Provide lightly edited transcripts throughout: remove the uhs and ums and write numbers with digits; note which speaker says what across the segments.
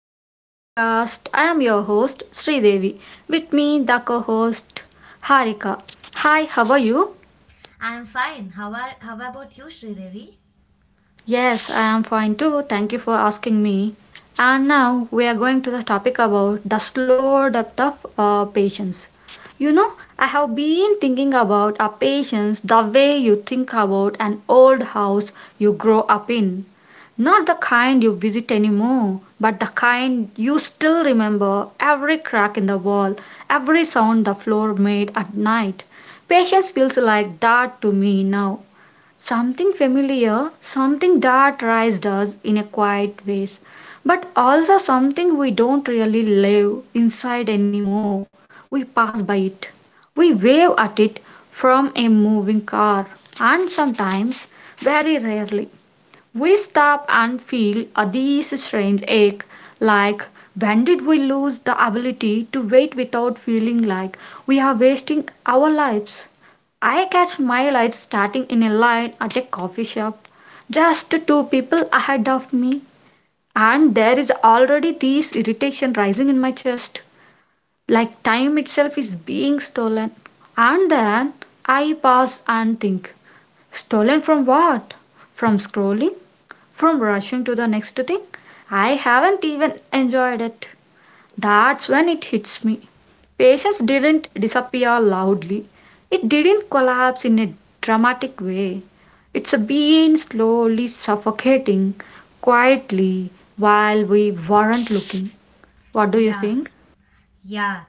Speaker 1: back to the podcast. I am your host Sridevi. With me, the co-host Harika. Hi, how are you?
Speaker 2: I'm fine. How about you, Sridevi?
Speaker 1: Yes, I am fine too. Thank you for asking me. And now we are going to the topic about the slow depth of patience. You know, I have been thinking about a patience the way you think about an old house you grow up in. Not the kind you visit anymore, but the kind you still remember every crack in the wall, every sound the floor made at night. Patience feels like that to me now, something familiar, something that raised us in a quiet ways, but also something we don't really live inside anymore. We pass by it, we wave at it from a moving car, and sometimes, very rarely, we stop and feel a these strange ache, like, when did we lose the ability to wait without feeling like we are wasting our lives? I catch my life starting in a line at a coffee shop, just two people ahead of me, and there is already this irritation rising in my chest, like time itself is being stolen. And then I pause and think, stolen from what? From scrolling? From rushing to the next thing. I haven't even enjoyed it. That's when it hits me. Patience didn't disappear loudly, it didn't collapse in a dramatic way. It's been slowly suffocating quietly while we weren't looking. What do you
Speaker 2: Yeah,
Speaker 1: think?
Speaker 2: yeah.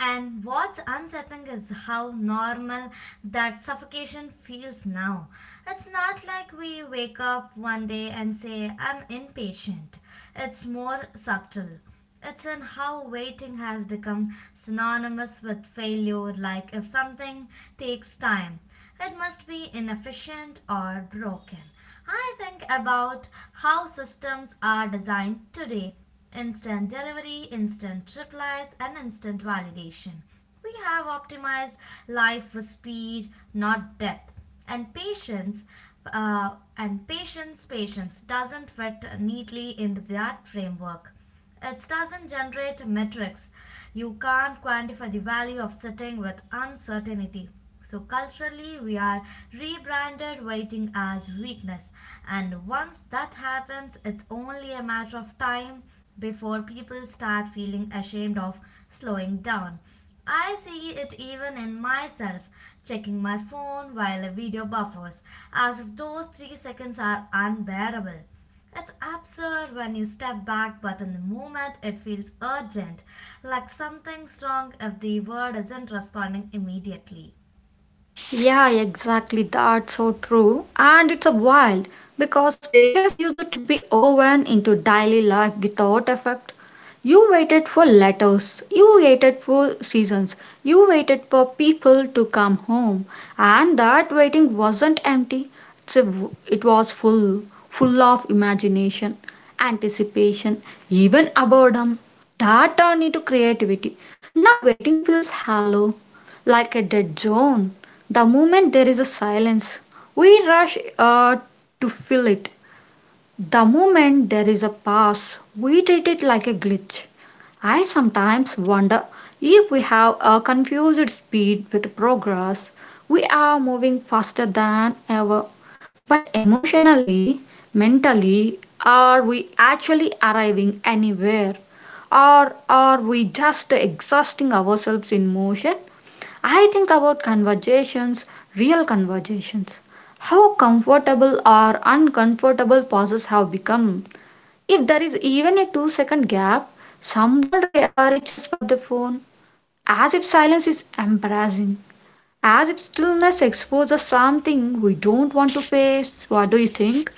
Speaker 2: And what's unsettling is how normal that suffocation feels now. It's not like we wake up one day and say, I'm impatient. It's more subtle. It's in how waiting has become synonymous with failure, like if something takes time, it must be inefficient or broken. I think about how systems are designed today, instant delivery, instant replies, and instant validation. We have optimized life for speed, not depth, and patience. And patience doesn't fit neatly into that framework. It doesn't generate metrics. You can't quantify the value of sitting with uncertainty. So, culturally, we are rebranded waiting as weakness. And once that happens, it's only a matter of time before people start feeling ashamed of slowing down. I see it even in myself, checking my phone while a video buffers, as if those 3 seconds are unbearable. It's absurd when you step back, but in the moment it feels urgent, like something's wrong if the word isn't responding immediately.
Speaker 1: Yeah, exactly. That's so true. And it's a wild because patients use it to be woven into daily life without effect. You waited for letters, you waited for seasons, you waited for people to come home, and that waiting wasn't empty. It's a, it was full, full of imagination, anticipation, even boredom. That turned into creativity. Now waiting feels hollow, like a dead zone. The moment there is a silence, we rush to fill it. The moment there is a pause, we treat it like a glitch. I sometimes wonder if we have a confused speed with progress. We are moving faster than ever. But emotionally, mentally, are we actually arriving anywhere? Or are we just exhausting ourselves in motion? I think about conversations, real conversations. How comfortable or uncomfortable pauses have become. If there is even a 2 second gap, someone reaches for the phone as if silence is embarrassing, as if stillness exposes something we don't want to face. What do you think?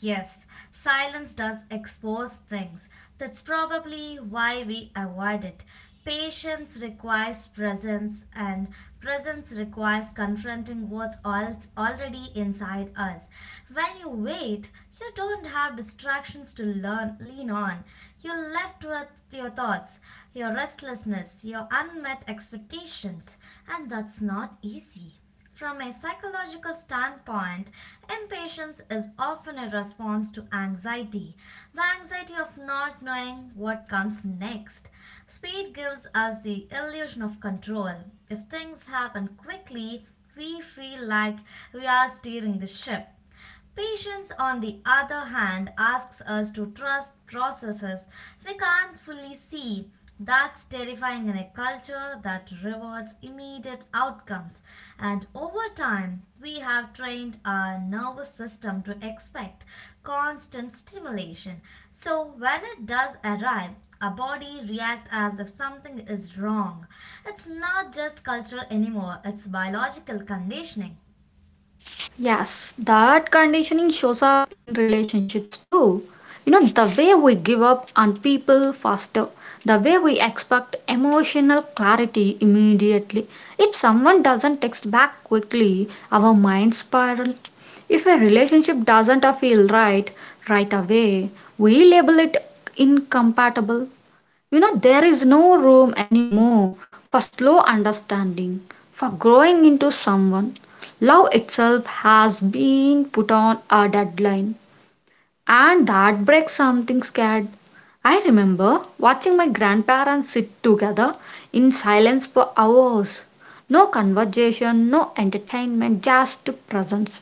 Speaker 2: Yes, silence does expose things. That's probably why we avoid it. Patience requires presence, and presence requires confronting what's already inside us. When you wait, you don't have distractions to lean on. You're left with your thoughts, your restlessness, your unmet expectations, and that's not easy. From a psychological standpoint, impatience is often a response to anxiety, the anxiety of not knowing what comes next. Speed gives us the illusion of control. If things happen quickly, we feel like we are steering the ship. Patience, on the other hand, asks us to trust processes we can't fully see. That's terrifying in a culture that rewards immediate outcomes. And over time, we have trained our nervous system to expect constant stimulation. So when it does arrive, our body reacts as if something is wrong. It's not just cultural anymore, it's biological conditioning.
Speaker 1: Yes, that conditioning shows up in relationships too. You know, the way we give up on people faster, the way we expect emotional clarity immediately. If someone doesn't text back quickly, our minds spiral. If a relationship doesn't feel right right away, we label it incompatible. You know, there is no room anymore for slow understanding, for growing into someone. Love itself has been put on a deadline, and that breaks something scared. I remember watching my grandparents sit together in silence for hours. No conversation, no entertainment, just presence.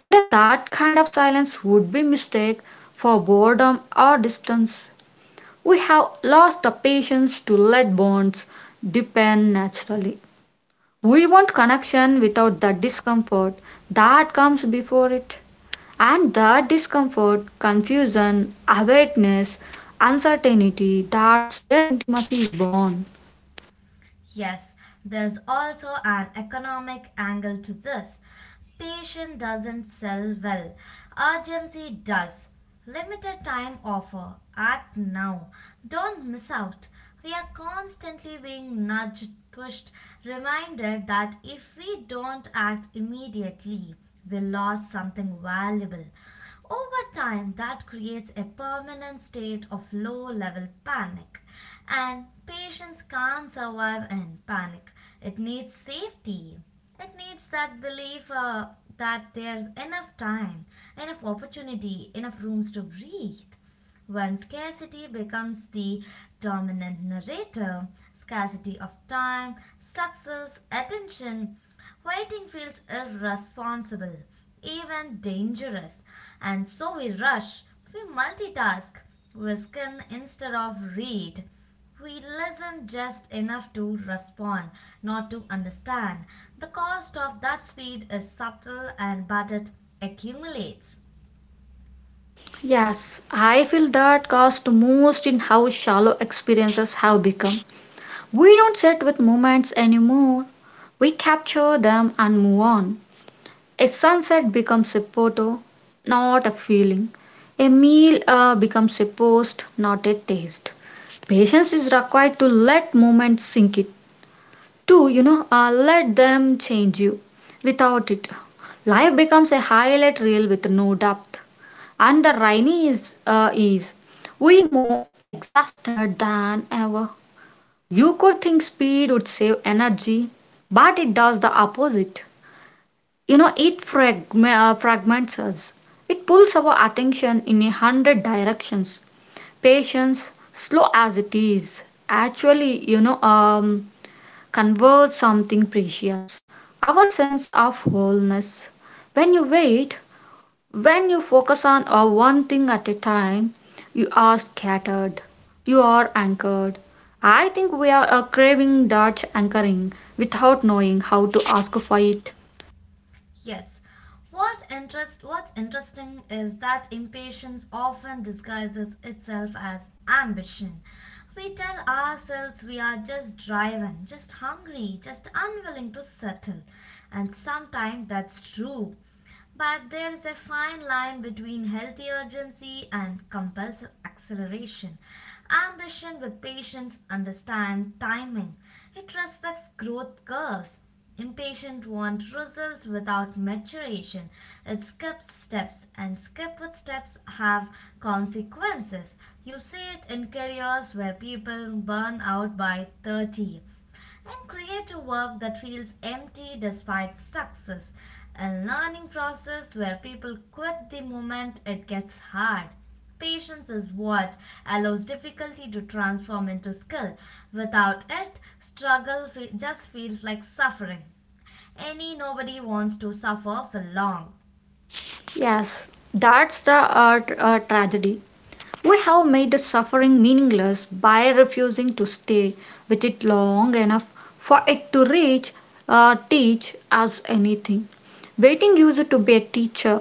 Speaker 1: Today, that kind of silence would be mistaken for boredom or distance. We have lost the patience to let bonds depend naturally. We want connection without the discomfort that comes before it. And the discomfort, confusion, awakeness, uncertainty, that's where intimacy is born.
Speaker 2: Yes, there's also an economic angle to this. Patient doesn't sell well, urgency does. Limited time offer, act now. Don't miss out. We are constantly being nudged, pushed, reminded that if we don't act immediately, we lost something valuable. Over time, that creates a permanent state of low level panic. And patients can't survive in panic. It needs safety. It needs that belief that there's enough time, enough opportunity, enough rooms to breathe. When scarcity becomes the dominant narrator, scarcity of time, success, attention, waiting feels irresponsible, even dangerous, and so we rush, we multitask, we skim instead of read. We listen just enough to respond, not to understand. The cost of that speed is subtle and but it accumulates.
Speaker 1: Yes, I feel that cost most in how shallow experiences have become. We don't sit with moments anymore. We capture them and move on. A sunset becomes a photo, not a feeling. A meal becomes a post, not a taste. Patience is required to let moments sink it, to, let them change you. Without it, life becomes a highlight reel with no depth. And the rainy is we more exhausted than ever. You could think speed would save energy, but it does the opposite, you know, it fragments us, it pulls our attention in a hundred directions. Patience, slow as it is, actually, you know, converts something precious, our sense of wholeness. When you wait, when you focus on one thing at a time, you are scattered, you are anchored. I think we are craving that anchoring without knowing how to ask for it.
Speaker 2: Yes. What's interesting is that impatience often disguises itself as ambition. We tell ourselves we are just driven, just hungry, just unwilling to settle, and sometimes that's true. But there is a fine line between healthy urgency and compulsive acceleration. Ambition with patience understands timing. It respects growth curves. Impatient want results without maturation. It skips steps, and skip with steps have consequences. You see it in careers where people burn out by 30 and create a work that feels empty despite success. A learning process where people quit the moment it gets hard. Patience is what allows difficulty to transform into skill. Without it, struggle just feels like suffering. Any nobody wants to suffer for long.
Speaker 1: Yes, that's the tragedy. We have made suffering meaningless by refusing to stay with it long enough for it to teach us anything. Waiting used to be a teacher.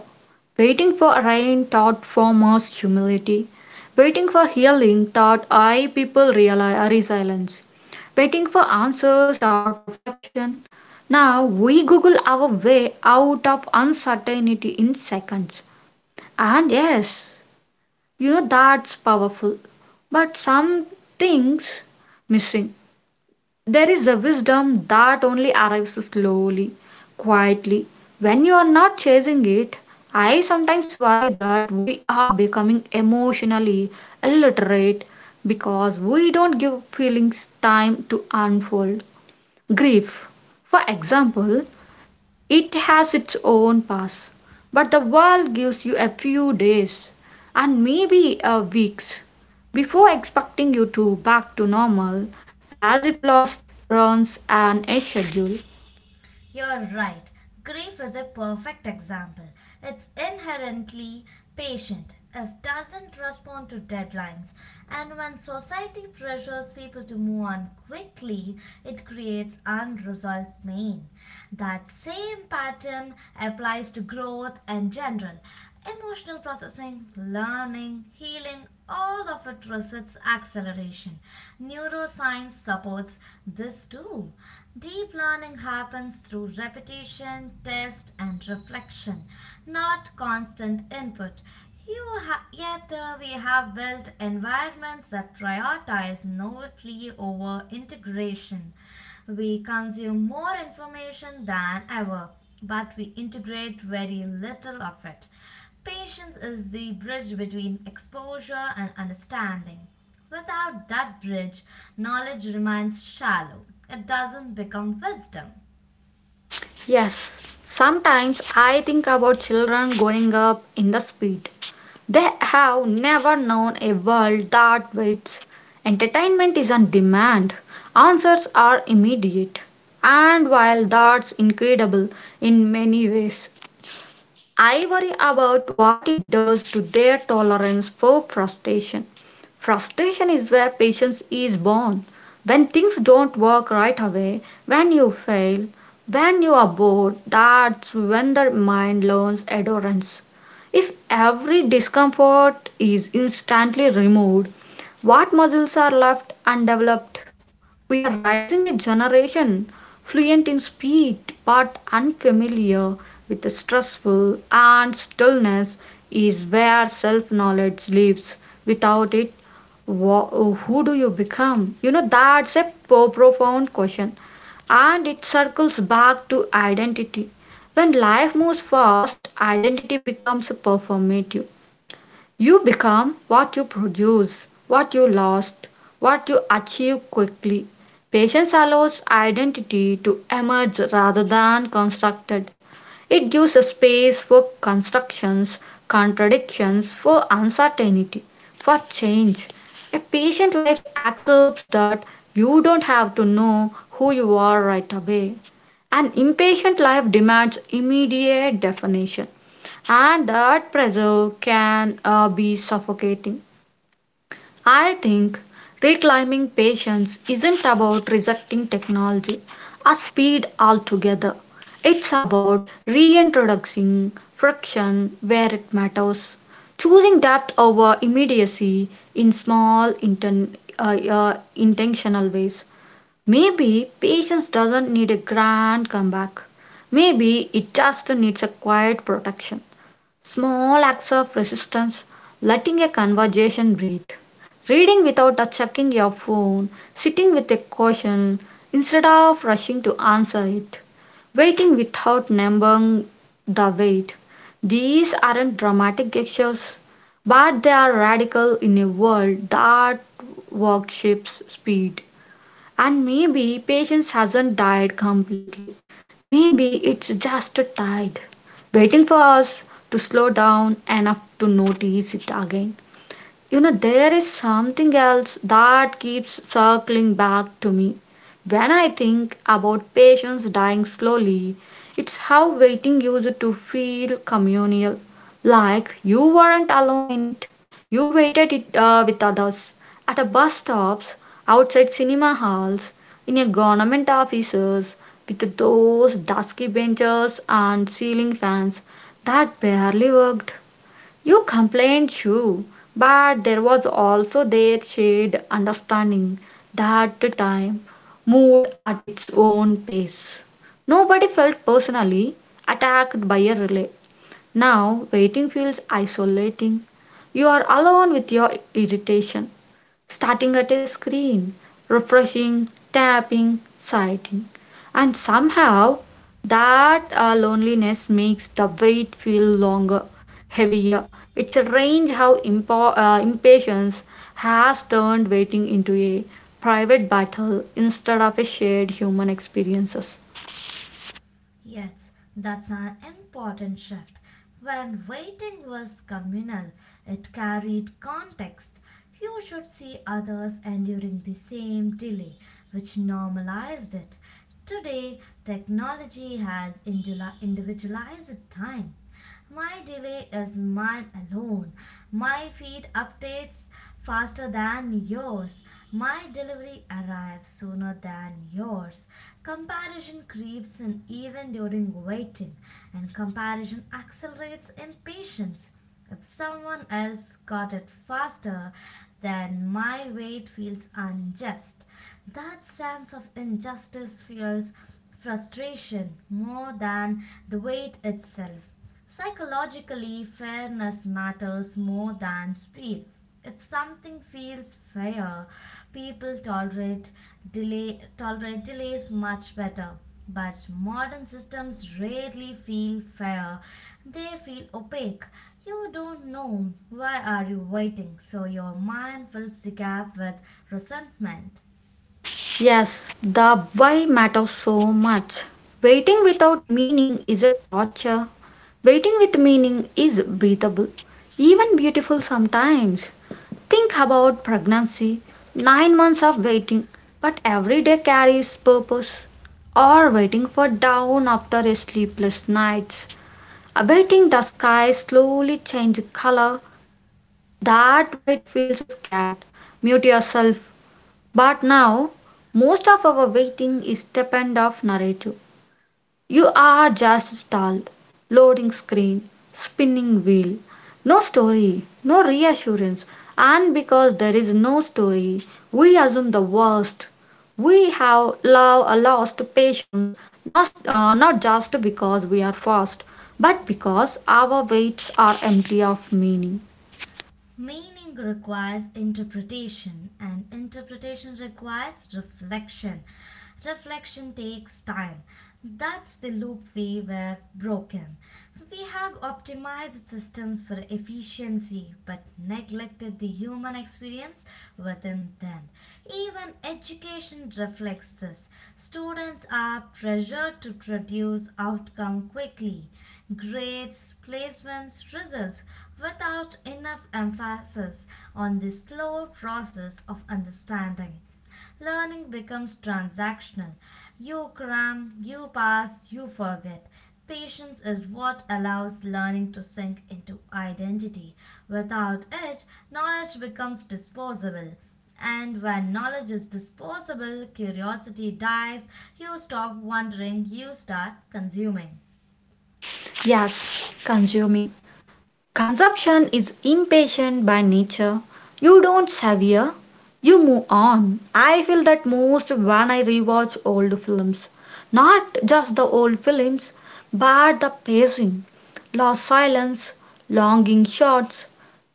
Speaker 1: Waiting for rain taught farmers humility. Waiting for healing taught I people resilience. Waiting for answers taught reflection. Now we Google our way out of uncertainty in seconds. And yes, you know, that's powerful, but something's missing. There is a wisdom that only arrives slowly, quietly, when you are not chasing it. I sometimes worry that we are becoming emotionally illiterate because we don't give feelings time to unfold. Grief, for example, it has its own path, but the world gives you a few days and maybe a weeks before expecting you to back to normal, as if life runs on a schedule.
Speaker 2: You're right. Grief is a perfect example. It's inherently patient, it doesn't respond to deadlines, and when society pressures people to move on quickly, it creates unresolved pain. That same pattern applies to growth in general. Emotional processing, learning, healing, all of it resists acceleration. Neuroscience supports this too. Deep learning happens through repetition, test, and reflection, not constant input. You ha- yet We have built environments that prioritize novelty over integration. We consume more information than ever, but we integrate very little of it. Patience is the bridge between exposure and understanding. Without that bridge, knowledge remains shallow. It doesn't become wisdom.
Speaker 1: Yes, sometimes I think about children growing up in the speed. They have never known a world that waits. Entertainment is on demand. Answers are immediate. And while that's incredible in many ways, I worry about what it does to their tolerance for frustration. Frustration is where patience is born. When things don't work right away, when you fail, when you are bored, that's when the mind learns endurance. If every discomfort is instantly removed, what muscles are left undeveloped? We are raising a generation fluent in speed, but unfamiliar with the stressful, and stillness is where self knowledge lives. Without it, who do you become? You know, that's a profound question, and it circles back to identity. When life moves fast, identity becomes performative. You become what you produce, what you lost, what you achieve quickly. Patience allows identity to emerge rather than constructed. It gives a space for constructions, contradictions, for uncertainty, for change. A patient life accepts that you don't have to know who you are right away. An impatient life demands immediate definition, and that pressure can be suffocating. I think reclaiming patience isn't about rejecting technology or speed altogether. It's about reintroducing friction where it matters, choosing depth over immediacy in small intentional ways. Maybe patience doesn't need a grand comeback. Maybe it just needs a quiet protection. Small acts of resistance, letting a conversation breathe, reading without checking your phone, sitting with a question instead of rushing to answer it, waiting without numbing the wait. These aren't dramatic gestures, but they are radical in a world that worships speed. And maybe patience hasn't died completely. Maybe it's just tired, waiting for us to slow down enough to notice it again. You know, there is something else that keeps circling back to me. When I think about patients dying slowly, it's how waiting used to feel communal. Like you weren't alone in it. You waited it with others. At a bus stops, outside cinema halls, in your government offices, with those dusky benches and ceiling fans that barely worked. You complained, too, but there was also their shared understanding that the time moved at its own pace. Nobody felt personally attacked by a relay. Now, waiting feels isolating. You are alone with your irritation starting at a screen, refreshing, tapping, sighting. And somehow that loneliness makes the wait feel longer, heavier. It's strange how impatience has turned waiting into a private battle instead of a shared human experiences.
Speaker 2: Yes, that's an important shift. When waiting was communal, it carried context. You should see others enduring the same delay, which normalized it. Today, technology has individualized time. My delay is mine alone. My feed updates faster than yours. My delivery arrives sooner than yours. Comparison creeps in even during waiting, and comparison accelerates impatience. If someone else got it faster, then my wait feels unjust. That sense of injustice fuels frustration more than the wait itself. Psychologically, fairness matters more than speed. If something feels fair, people tolerate delays much better. But modern systems rarely feel fair. They feel opaque. You don't know why are you waiting, so your mind fills the gap with resentment.
Speaker 1: Yes, the why matters so much. Waiting without meaning is a torture. Waiting with meaning is breathable, even beautiful sometimes. Think about pregnancy, 9 months of waiting, but every day carries purpose. Or waiting for dawn after a sleepless night, awaiting the sky slowly change color. That wait feels scared. Mute yourself, but now, most of our waiting is stipend of narrative. You are just stalled. Loading screen. Spinning wheel. No story. No reassurance. And because there is no story, we assume the worst. We have lost patience, not just because we are fast, but because our weights are empty of meaning.
Speaker 2: Meaning requires interpretation, and interpretation requires reflection. Reflection takes time. That's the loop we were broken. We have optimized systems for efficiency but neglected the human experience within them. Even education reflects this. Students are pressured to produce outcome quickly, grades, placements, results, without enough emphasis on the slow process of understanding. Learning becomes transactional. You cram, you pass, you forget. Patience is what allows learning to sink into identity. Without it, knowledge becomes disposable. And when knowledge is disposable, curiosity dies, you stop wondering, you start consuming.
Speaker 1: Yes, consuming. Consumption is impatient by nature. You don't severe, you move on. I feel that most when I rewatch old films. Not just the old films, but the pacing, lost silence, longing shots,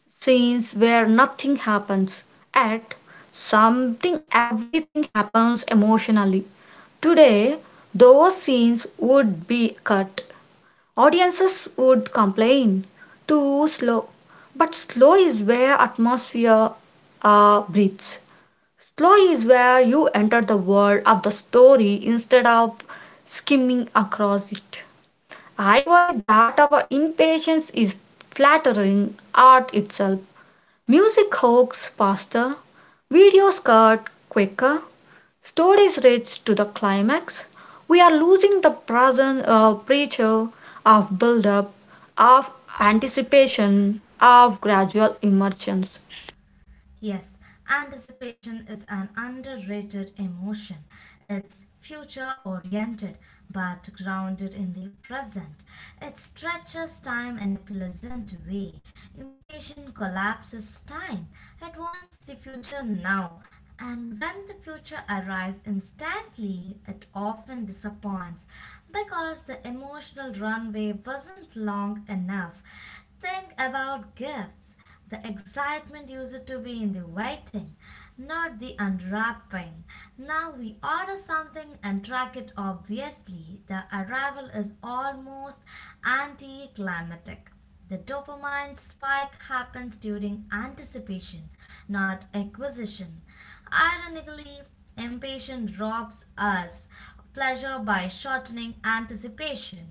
Speaker 1: scenes where nothing happens. At something, everything happens emotionally. Today, those scenes would be cut. Audiences would complain, too slow. But slow is where atmosphere breathes. Slow is where you enter the world of the story instead of skimming across it. I worry that our impatience is flattering art itself. Music hogs faster, videos cut quicker, stories reach to the climax. We are losing the present pressure of build up, of anticipation, of gradual emergence.
Speaker 2: Yes, anticipation is an underrated emotion. It's future oriented but grounded in the present. It stretches time in a pleasant way. Impatience collapses time. It wants the future now. And when the future arrives instantly, it often disappoints because the emotional runway wasn't long enough. Think about gifts. The excitement used to be in the waiting, not the unwrapping. Now we order something and track it obviously. The arrival is almost anticlimactic. The dopamine spike happens during anticipation, not acquisition. Ironically, impatience robs us of pleasure by shortening anticipation.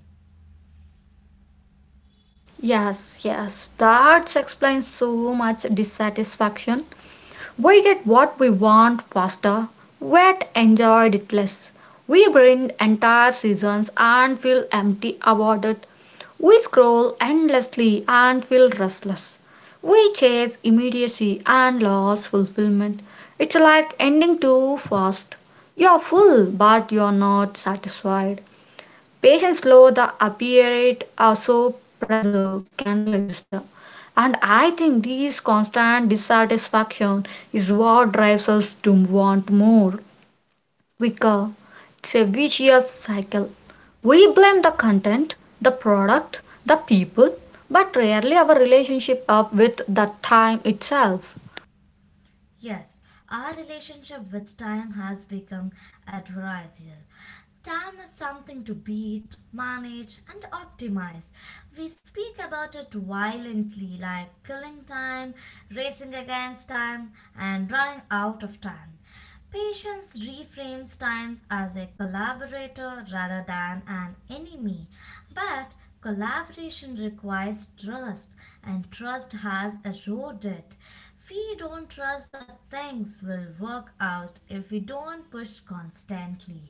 Speaker 1: Yes, yes, that explains so much dissatisfaction. We get what we want faster, yet enjoyed it less. We binge entire seasons and feel empty about it. We scroll endlessly and feel restless. We chase immediacy and lose fulfillment. It's like ending too fast. You're full, but you're not satisfied. Patients slow the apparate also pressure can register. And I think this constant dissatisfaction is what drives us to want more, quicker. It's a vicious cycle. We blame the content, the product, the people, but rarely our relationship up with the time itself.
Speaker 2: Yes, our relationship with time has become adversarial. Time is something to beat, manage, and optimize. We speak about it violently, like killing time, racing against time, and running out of time. Patience reframes time as a collaborator rather than an enemy. But collaboration requires trust, and trust has eroded. We don't trust that things will work out if we don't push constantly.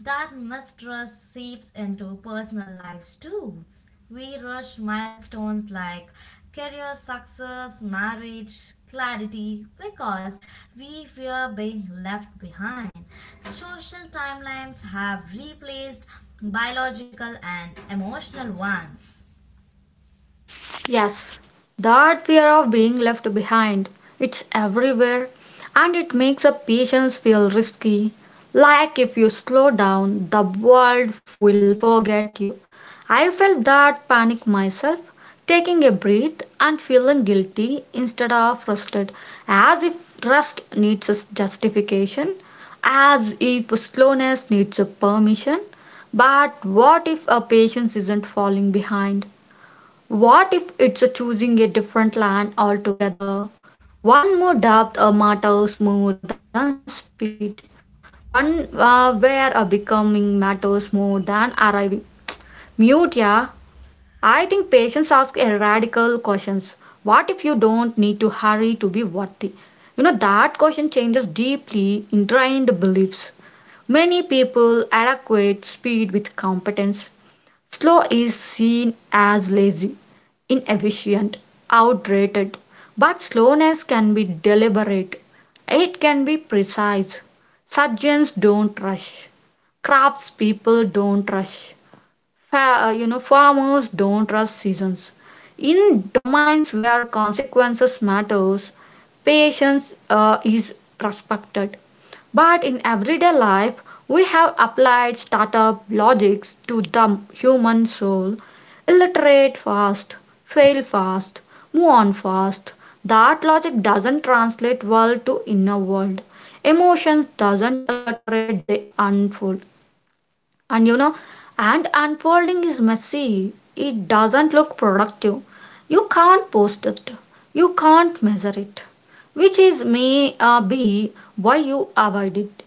Speaker 2: That mistrust seeps into personal lives too. We rush milestones like career success, marriage, clarity because we fear being left behind. Social timelines have replaced biological and emotional ones.
Speaker 1: Yes, that fear of being left behind, it's everywhere and it makes a patience feel risky. Like if you slow down, the world will forget you. I felt that panic myself, taking a breath and feeling guilty instead of rusted, as if rust needs a justification, as if slowness needs a permission. But what if a patience isn't falling behind? What if it's a choosing a different land altogether? One more depth matters more than speed. One where a becoming matters more than arriving. Mute, yeah. I think patients ask a radical questions. What if you don't need to hurry to be worthy? You know, that question changes deeply ingrained beliefs. Many people adequate speed with competence. Slow is seen as lazy, inefficient, outdated, but slowness can be deliberate. It can be precise. Surgeons don't rush. Craftspeople don't rush. You know, farmers don't trust seasons. In domains where consequences matters, patience is respected. But in everyday life, we have applied startup logics to the human soul. Illiterate fast, fail fast, move on fast. That logic doesn't translate well to inner world. Emotions doesn't illiterate, they unfold, and you know, and unfolding is messy. It doesn't look productive. You can't post it. You can't measure it, which is may be why you avoid it.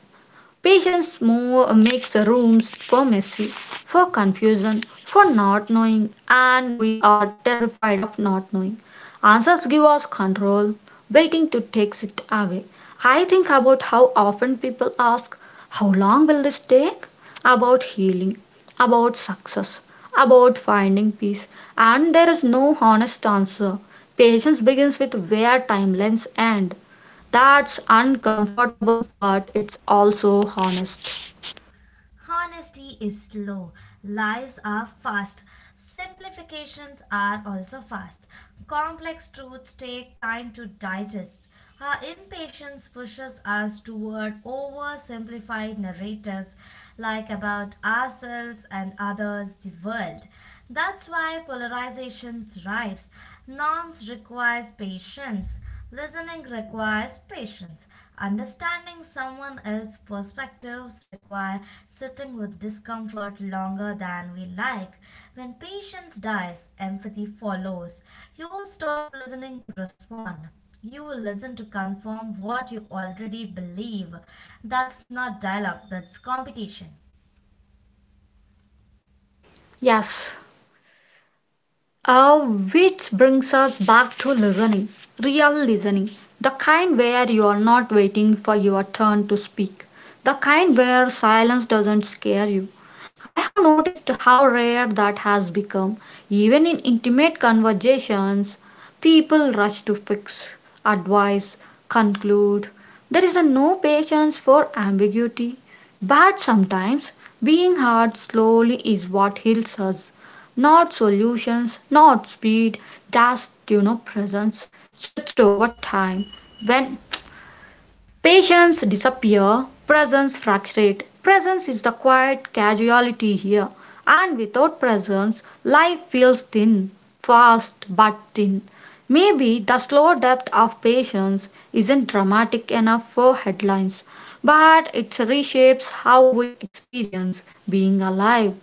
Speaker 1: Patience more makes rooms for messy, for confusion, for not knowing, and we are terrified of not knowing. Answers give us control, waiting to takes it away. I think about how often people ask, how long will this take? About healing, about success, about finding peace, and there is no honest answer. Patience begins with where timelines end. That's uncomfortable, but it's also honest.
Speaker 2: Honesty is slow, lies are fast, simplifications are also fast. Complex truths take time to digest. Our impatience pushes us toward oversimplified narratives like about ourselves and others, the world. That's why polarization thrives. Norms requires patience. Listening requires patience. Understanding someone else's perspectives require sitting with discomfort longer than we like. When patience dies, empathy follows. You stop listening to respond. You listen to confirm what you already believe. That's not dialogue, that's competition.
Speaker 1: Yes. Which brings us back to listening, real listening, the kind where you are not waiting for your turn to speak, the kind where silence doesn't scare you. I have noticed how rare that has become. Even in intimate conversations, people rush to fix, advise, conclude. There is a no patience for ambiguity. But sometimes being hard slowly is what heals us. Not solutions, not speed, just presence stretched over time. When patience disappear, presence fracturate. Presence is the quiet casualty here, and without presence, life feels thin, fast but thin. Maybe the slow depth of patience isn't dramatic enough for headlines, but it reshapes how we experience being alive.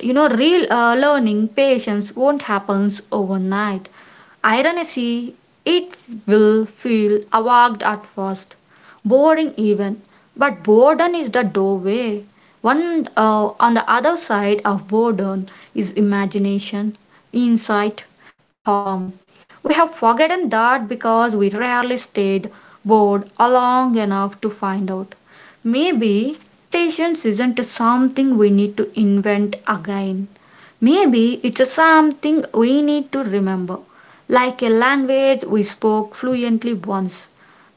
Speaker 1: You know, real learning patience won't happen overnight, ironically. It will feel awkward at first, boring even, but boredom is the doorway. One On the other side of boredom is imagination, insight, calm. We have forgotten that because we rarely stayed bored long enough to find out. Maybe patience isn't something we need to invent again. Maybe it's something we need to remember, like a language we spoke fluently once,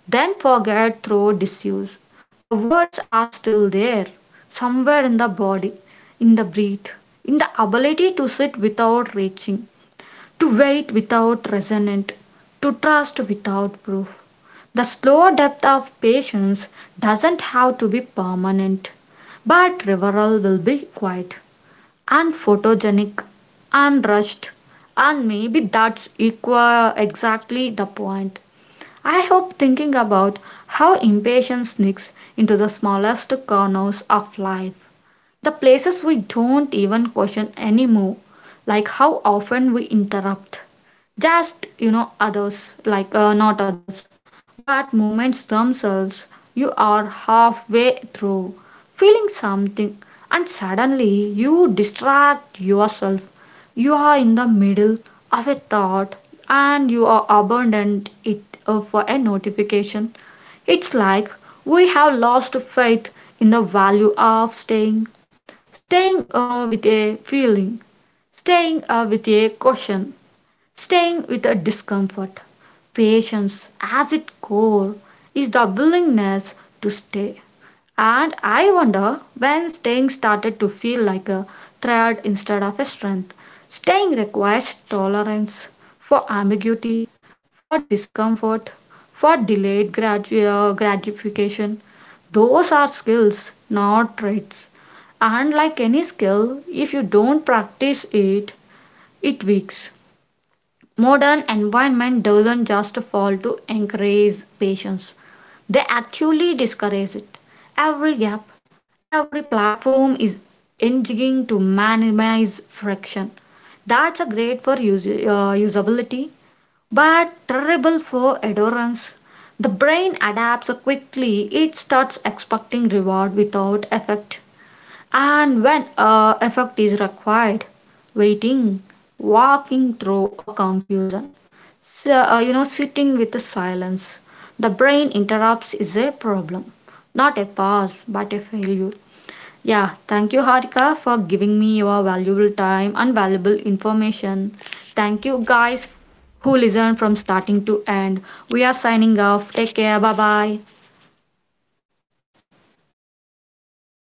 Speaker 1: then forget through disuse. The words are still there, somewhere in the body, in the breath, in the ability to sit without reaching, to wait without resentment, to trust without proof. The slow depth of patience doesn't have to be permanent, but reveral will be quiet and photogenic and rushed, and maybe that's equal exactly the point. I hope thinking about how impatience sneaks into the smallest corners of life, the places we don't even question anymore, like how often we interrupt. Just, you know, others, like not others, but moments themselves. You are halfway through feeling something, and suddenly you distract yourself. You are in the middle of a thought and you are abandoned it for a notification. It's like we have lost faith in the value of staying. Staying with a feeling, staying with a caution, staying with a discomfort. Patience, as its core, is the willingness to stay, and I wonder when staying started to feel like a threat instead of a strength. Staying requires tolerance for ambiguity, for discomfort, for delayed gratification. Those are skills, not traits. And like any skill, if you don't practice it, it weaks. Modern environment doesn't just fall to encourage patience, they actually discourage it. Every app, every platform is engineering to minimize friction. That's a great for usability, but terrible for adherence. The brain adapts quickly. It starts expecting reward without effect, and when effect is required, waiting, walking through a confusion, sitting with the silence. The brain interrupts is a problem, not a pause, but a failure. Yeah, thank you, Harika, for giving me your valuable time and valuable information. Thank you, guys, who listened from starting to end. We are signing off. Take care. Bye bye.